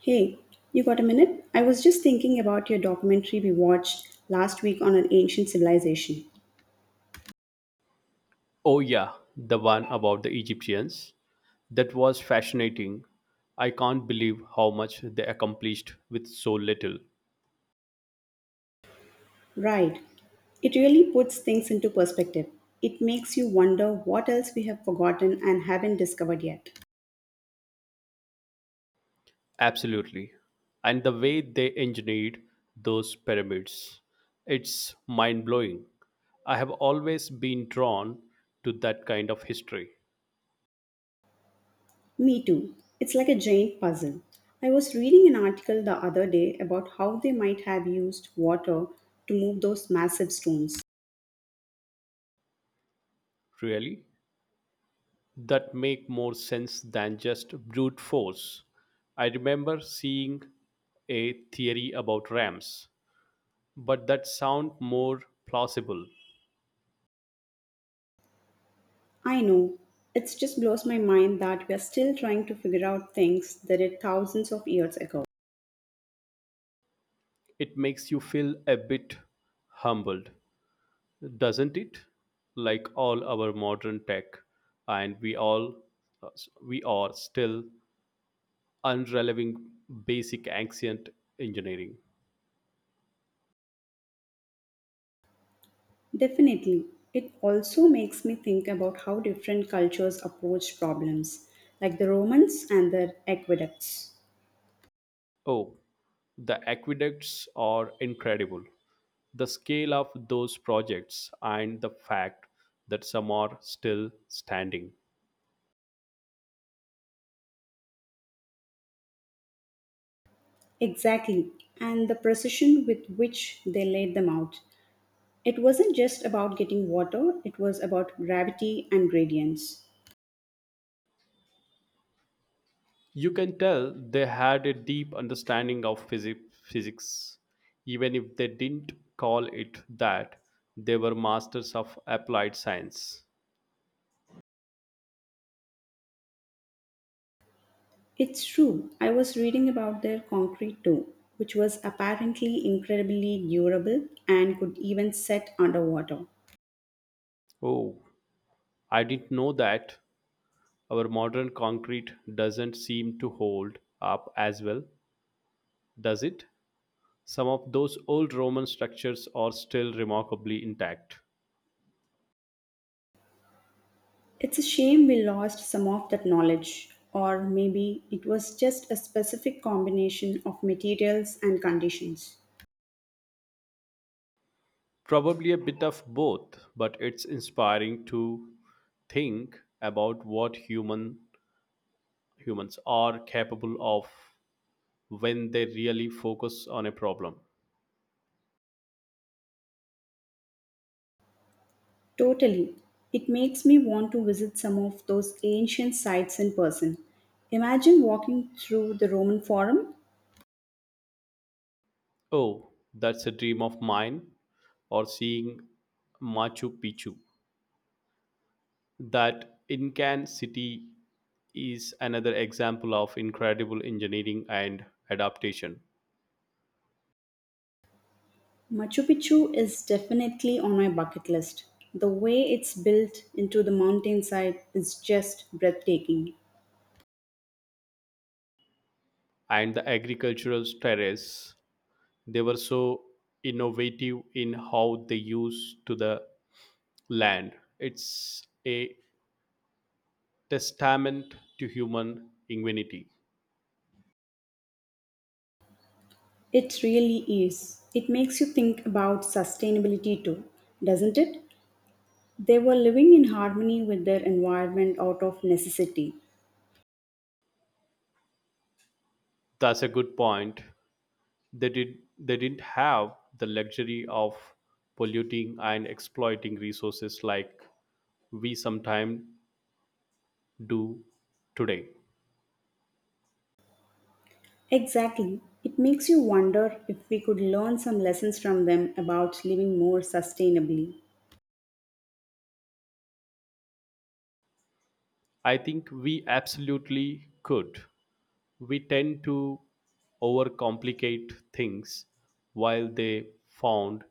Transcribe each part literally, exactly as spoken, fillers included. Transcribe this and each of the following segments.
Hey, you got a minute? I was just thinking about your documentary we watched last week on an ancient civilization. Oh, yeah, the one about the Egyptians. That was fascinating. I can't believe how much they accomplished with so little. Right. It really puts things into perspective. It makes you wonder what else we have forgotten and haven't discovered yet. Absolutely. And the way they engineered those pyramids, it's mind blowing. I have always been drawn to that kind of history, Me too. It's like a giant puzzle. I was reading an article the other day about how they might have used water to move those massive stones. really, that make more sense than just brute force. I remember seeing a theory about rams but that sound more plausible. I know. It just blows my mind that we are still trying to figure out things that did thousands of years ago. It makes you feel a bit humbled, doesn't it? Like all our modern tech and we all we are still unreliving basic ancient engineering. Definitely. It also makes me think about how different cultures approached problems, like the Romans and their aqueducts. Oh, the aqueducts are incredible, the scale of those projects and the fact that some are still standing. Exactly. And the precision with which they laid them out. It wasn't just about getting water, it was about gravity and gradients. You can tell they had a deep understanding of physi- physics. Even if they didn't call it that, they were masters of applied science. It's true. I was reading about their concrete too, which was apparently incredibly durable and could even set underwater. Oh, I didn't know that. Our modern concrete doesn't seem to hold up as well, does it? Some of those old Roman structures are still remarkably intact. It's a shame we lost some of that knowledge, or maybe it was just a specific combination of materials and conditions. Probably a bit of both, but it's inspiring to think about what human humans are capable of when they really focus on a problem. Totally. It makes me want to visit some of those ancient sites in person. Imagine walking through the Roman Forum. Oh, that's a dream of mine, or seeing Machu Picchu. That Incan city is another example of incredible engineering and adaptation. Machu Picchu is definitely on my bucket list. The way it's built into the mountainside is just breathtaking. And the agricultural terrace, they were so innovative in how they used to the land. It's a testament to human ingenuity. It really is. It makes you think about sustainability too, doesn't it? They were living in harmony with their environment out of necessity. That's a good point. They did they didn't have the luxury of polluting and exploiting resources like we sometimes do today. Exactly. It makes you wonder if we could learn some lessons from them about living more sustainably. I think we absolutely could. We tend to overcomplicate things while they found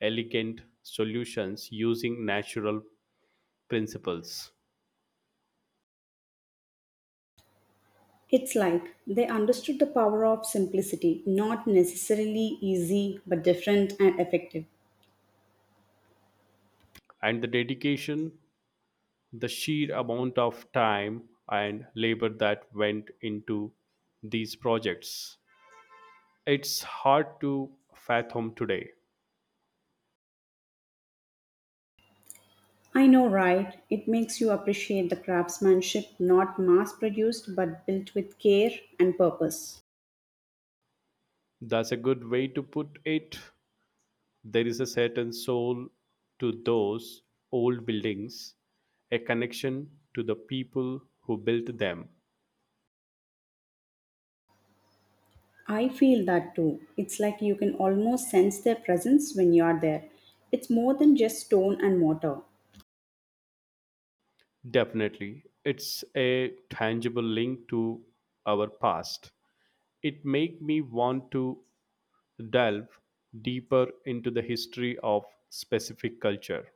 elegant solutions using natural principles. It's like they understood the power of simplicity, not necessarily easy, but different and effective. And the dedication, the sheer amount of time and labor that went into these projects. It's hard to fathom today. I know, right? It makes you appreciate the craftsmanship not mass produced but built with care and purpose. That's a good way to put it. There is a certain soul to those old buildings, a connection to the people who built them. I feel that too. It's like you can almost sense their presence when you're there. It's more than just stone and mortar. Definitely. It's a tangible link to our past. It make me want to delve deeper into the history of specific culture.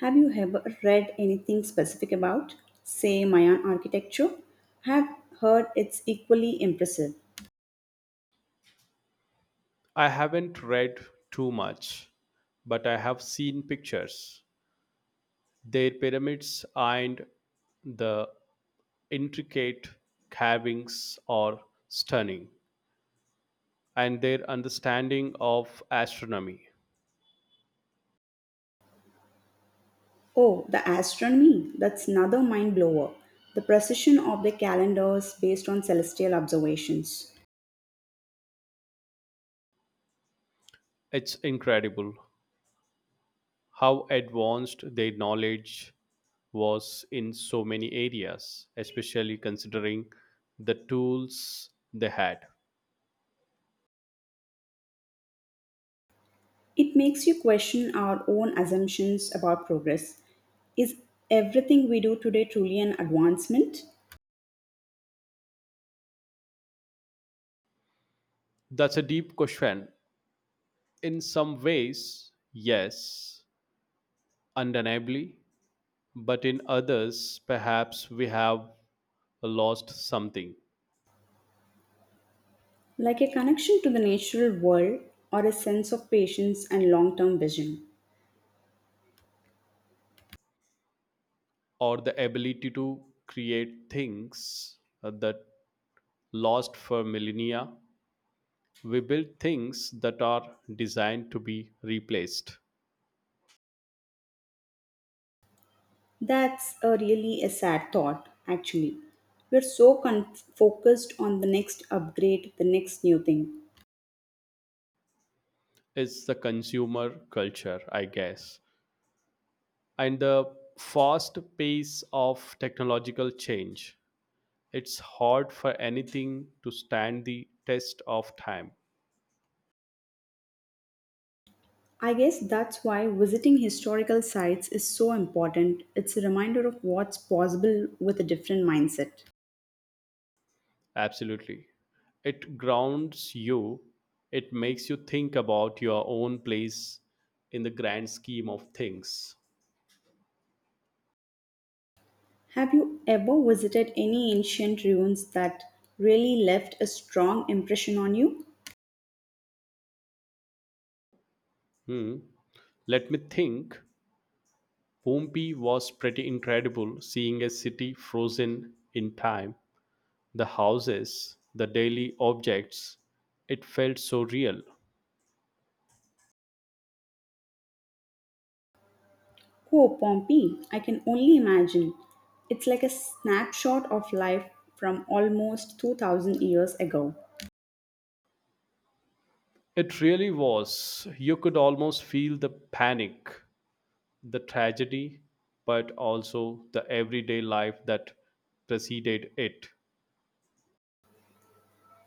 Have you ever read anything specific about, say, Mayan architecture? Have heard it's equally impressive. I haven't read too much, but I have seen pictures. Their pyramids and the intricate carvings are stunning, and their understanding of astronomy. Oh, the astronomy, that's another mind blower. The precision of the calendars based on celestial observations. It's incredible how advanced their knowledge was in so many areas, especially considering the tools they had. It makes you question our own assumptions about progress. Is everything we do today truly an advancement? That's a deep question. In some ways, yes, undeniably, but in others, perhaps we have lost something, Like a connection to the natural world or a sense of patience and long term vision. or the ability to create things that lost for millennia. We build things that are designed to be replaced. That's a really a sad thought, actually. We're so con- focused on the next upgrade, the next new thing. It's the consumer culture, I guess, and the fast pace of technological change, it's hard for anything to stand the test of time. I guess that's why visiting historical sites is so important. It's a reminder of what's possible with a different mindset. Absolutely. It grounds you, it makes you think about your own place in the grand scheme of things. Have you ever visited any ancient ruins that really left a strong impression on you? Hmm. Let me think. Pompeii was pretty incredible, seeing a city frozen in time. The houses, the daily objects, it felt so real. Oh, Pompey, I can only imagine. It's like a snapshot of life from almost two thousand years ago. It really was. You could almost feel the panic, the tragedy, but also the everyday life that preceded it.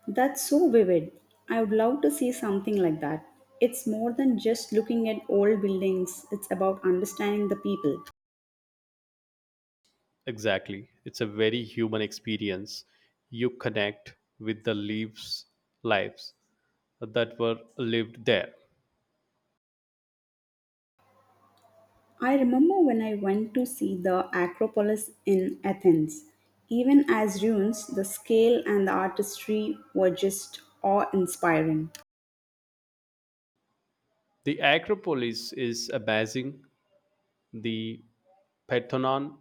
That's so vivid. I would love to see something like that. It's more than just looking at old buildings, it's about understanding the people. Exactly. It's a very human experience. You connect with the lives, lives that were lived there. I remember when I went to see the Acropolis in Athens. Even as ruins, the scale and the artistry were just awe inspiring. The Acropolis is amazing. The Parthenon,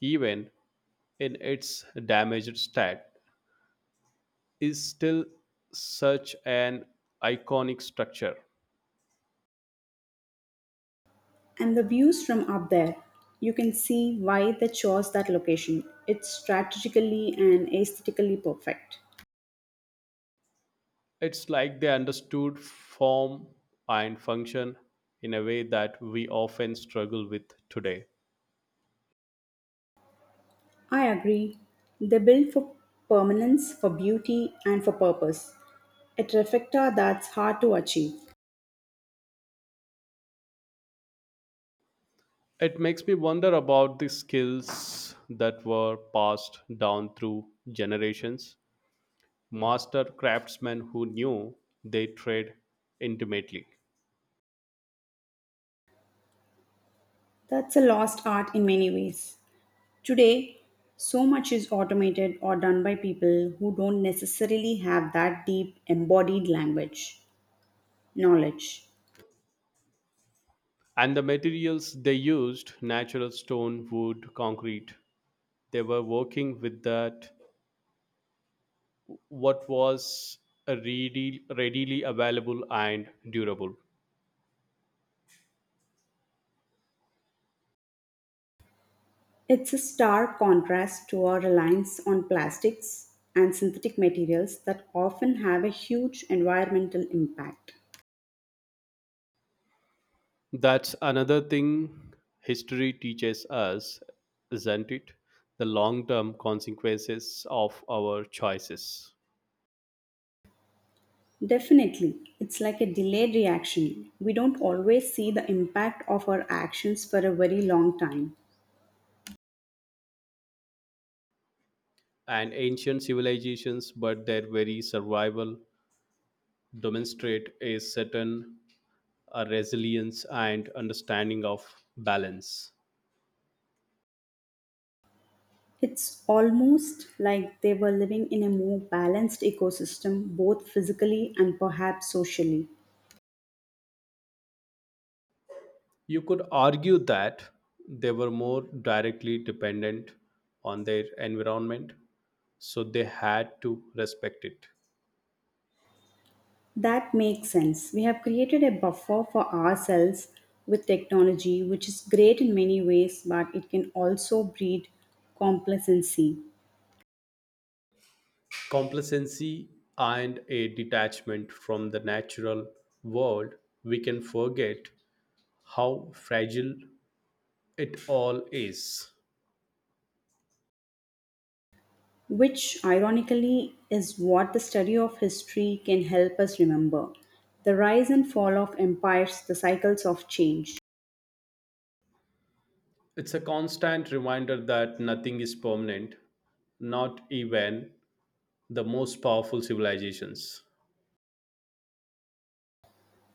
even in its damaged state, is still such an iconic structure. And the views from up there, you can see why they chose that location. It's strategically and aesthetically perfect. It's like they understood form and function in a way that we often struggle with today. I agree. They build for permanence, for beauty, and for purpose. A trifecta that's hard to achieve. It makes me wonder about the skills that were passed down through generations. Master craftsmen who knew they trade intimately. That's a lost art in many ways. Today, so much is automated or done by people who don't necessarily have that deep embodied language, knowledge. And the materials they used, natural stone, wood, concrete, they were working with that what was readily, readily available and durable. It's a stark contrast to our reliance on plastics and synthetic materials that often have a huge environmental impact. That's another thing history teaches us, isn't it? The long term consequences of our choices. Definitely, it's like a delayed reaction. We don't always see the impact of our actions for a very long time. And ancient civilizations, but their very survival, demonstrate a certain uh, resilience and understanding of balance. It's almost like they were living in a more balanced ecosystem, both physically and perhaps socially. You could argue that they were more directly dependent on their environment, so they had to respect it. That makes sense. We have created a buffer for ourselves with technology, which is great in many ways, but it can also breed complacency, Complacency and a detachment from the natural world, we can forget how fragile it all is. which ironically is what the study of history can help us remember the rise and fall of empires, the cycles of change. It's a constant reminder that nothing is permanent, not even the most powerful civilizations.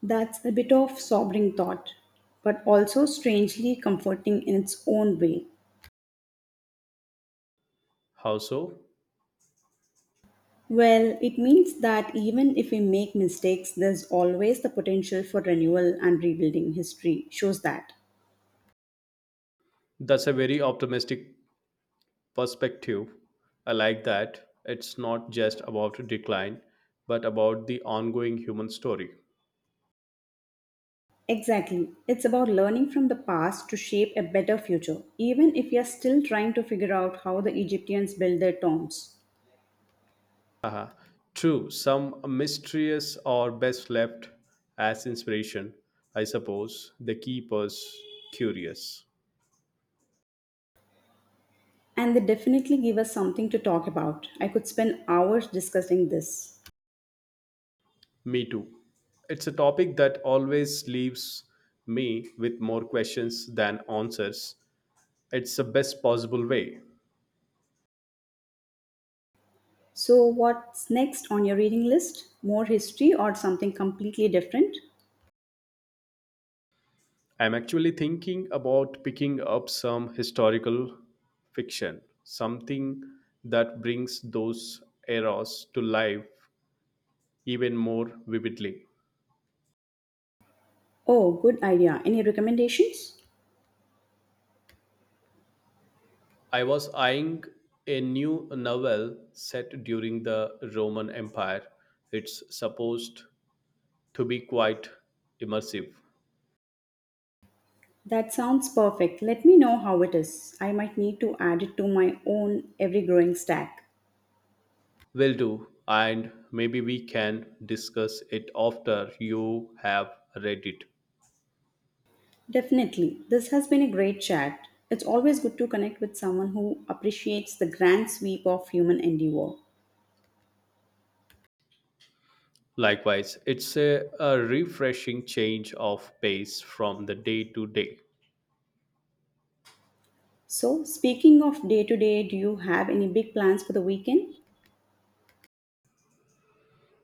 That's a bit of sobering thought, but also strangely comforting in its own way. How so? Well, it means that even if we make mistakes, there's always the potential for renewal and rebuilding. History shows that. That's a very optimistic perspective. I like that. It's not just about decline, but about the ongoing human story. Exactly. It's about learning from the past to shape a better future, even if we are still trying to figure out how the Egyptians built their tombs. Uh-huh. True, some mysterious are best left as inspiration, I suppose. They keep us curious. And they definitely give us something to talk about. I could spend hours discussing this. Me too. It's a topic that always leaves me with more questions than answers. It's the best possible way. So, what's next on your reading list? More history or something completely different? I'm actually thinking about picking up some historical fiction, something that brings those eras to life even more vividly. Oh, good idea. Any recommendations? I was eyeing a new novel set during the Roman Empire. It's supposed to be quite immersive. That sounds perfect. Let me know how it is. I might need to add it to my own every growing stack. Will do, and maybe we can discuss it after you have read it. Definitely. This has been a great chat. It's always good to connect with someone who appreciates the grand sweep of human endeavor. Likewise, it's a, a refreshing change of pace from the day to day. So, speaking of day to day, do you have any big plans for the weekend?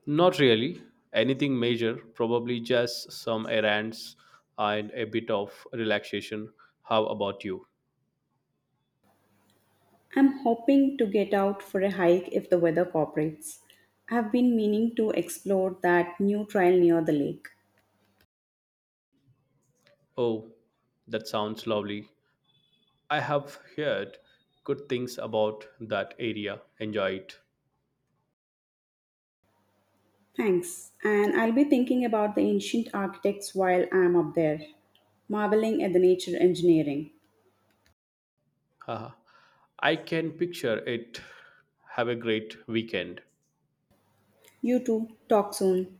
Not really anything major, probably just some errands and a bit of relaxation. How about you? I'm hoping to get out for a hike if the weather cooperates. I've been meaning to explore that new trail near the lake. Oh, that sounds lovely. I have heard good things about that area. Enjoy it. Thanks. And I'll be thinking about the ancient architects while I'm up there, marveling at the nature engineering. Haha. I can picture it. Have a great weekend. You too. Talk soon.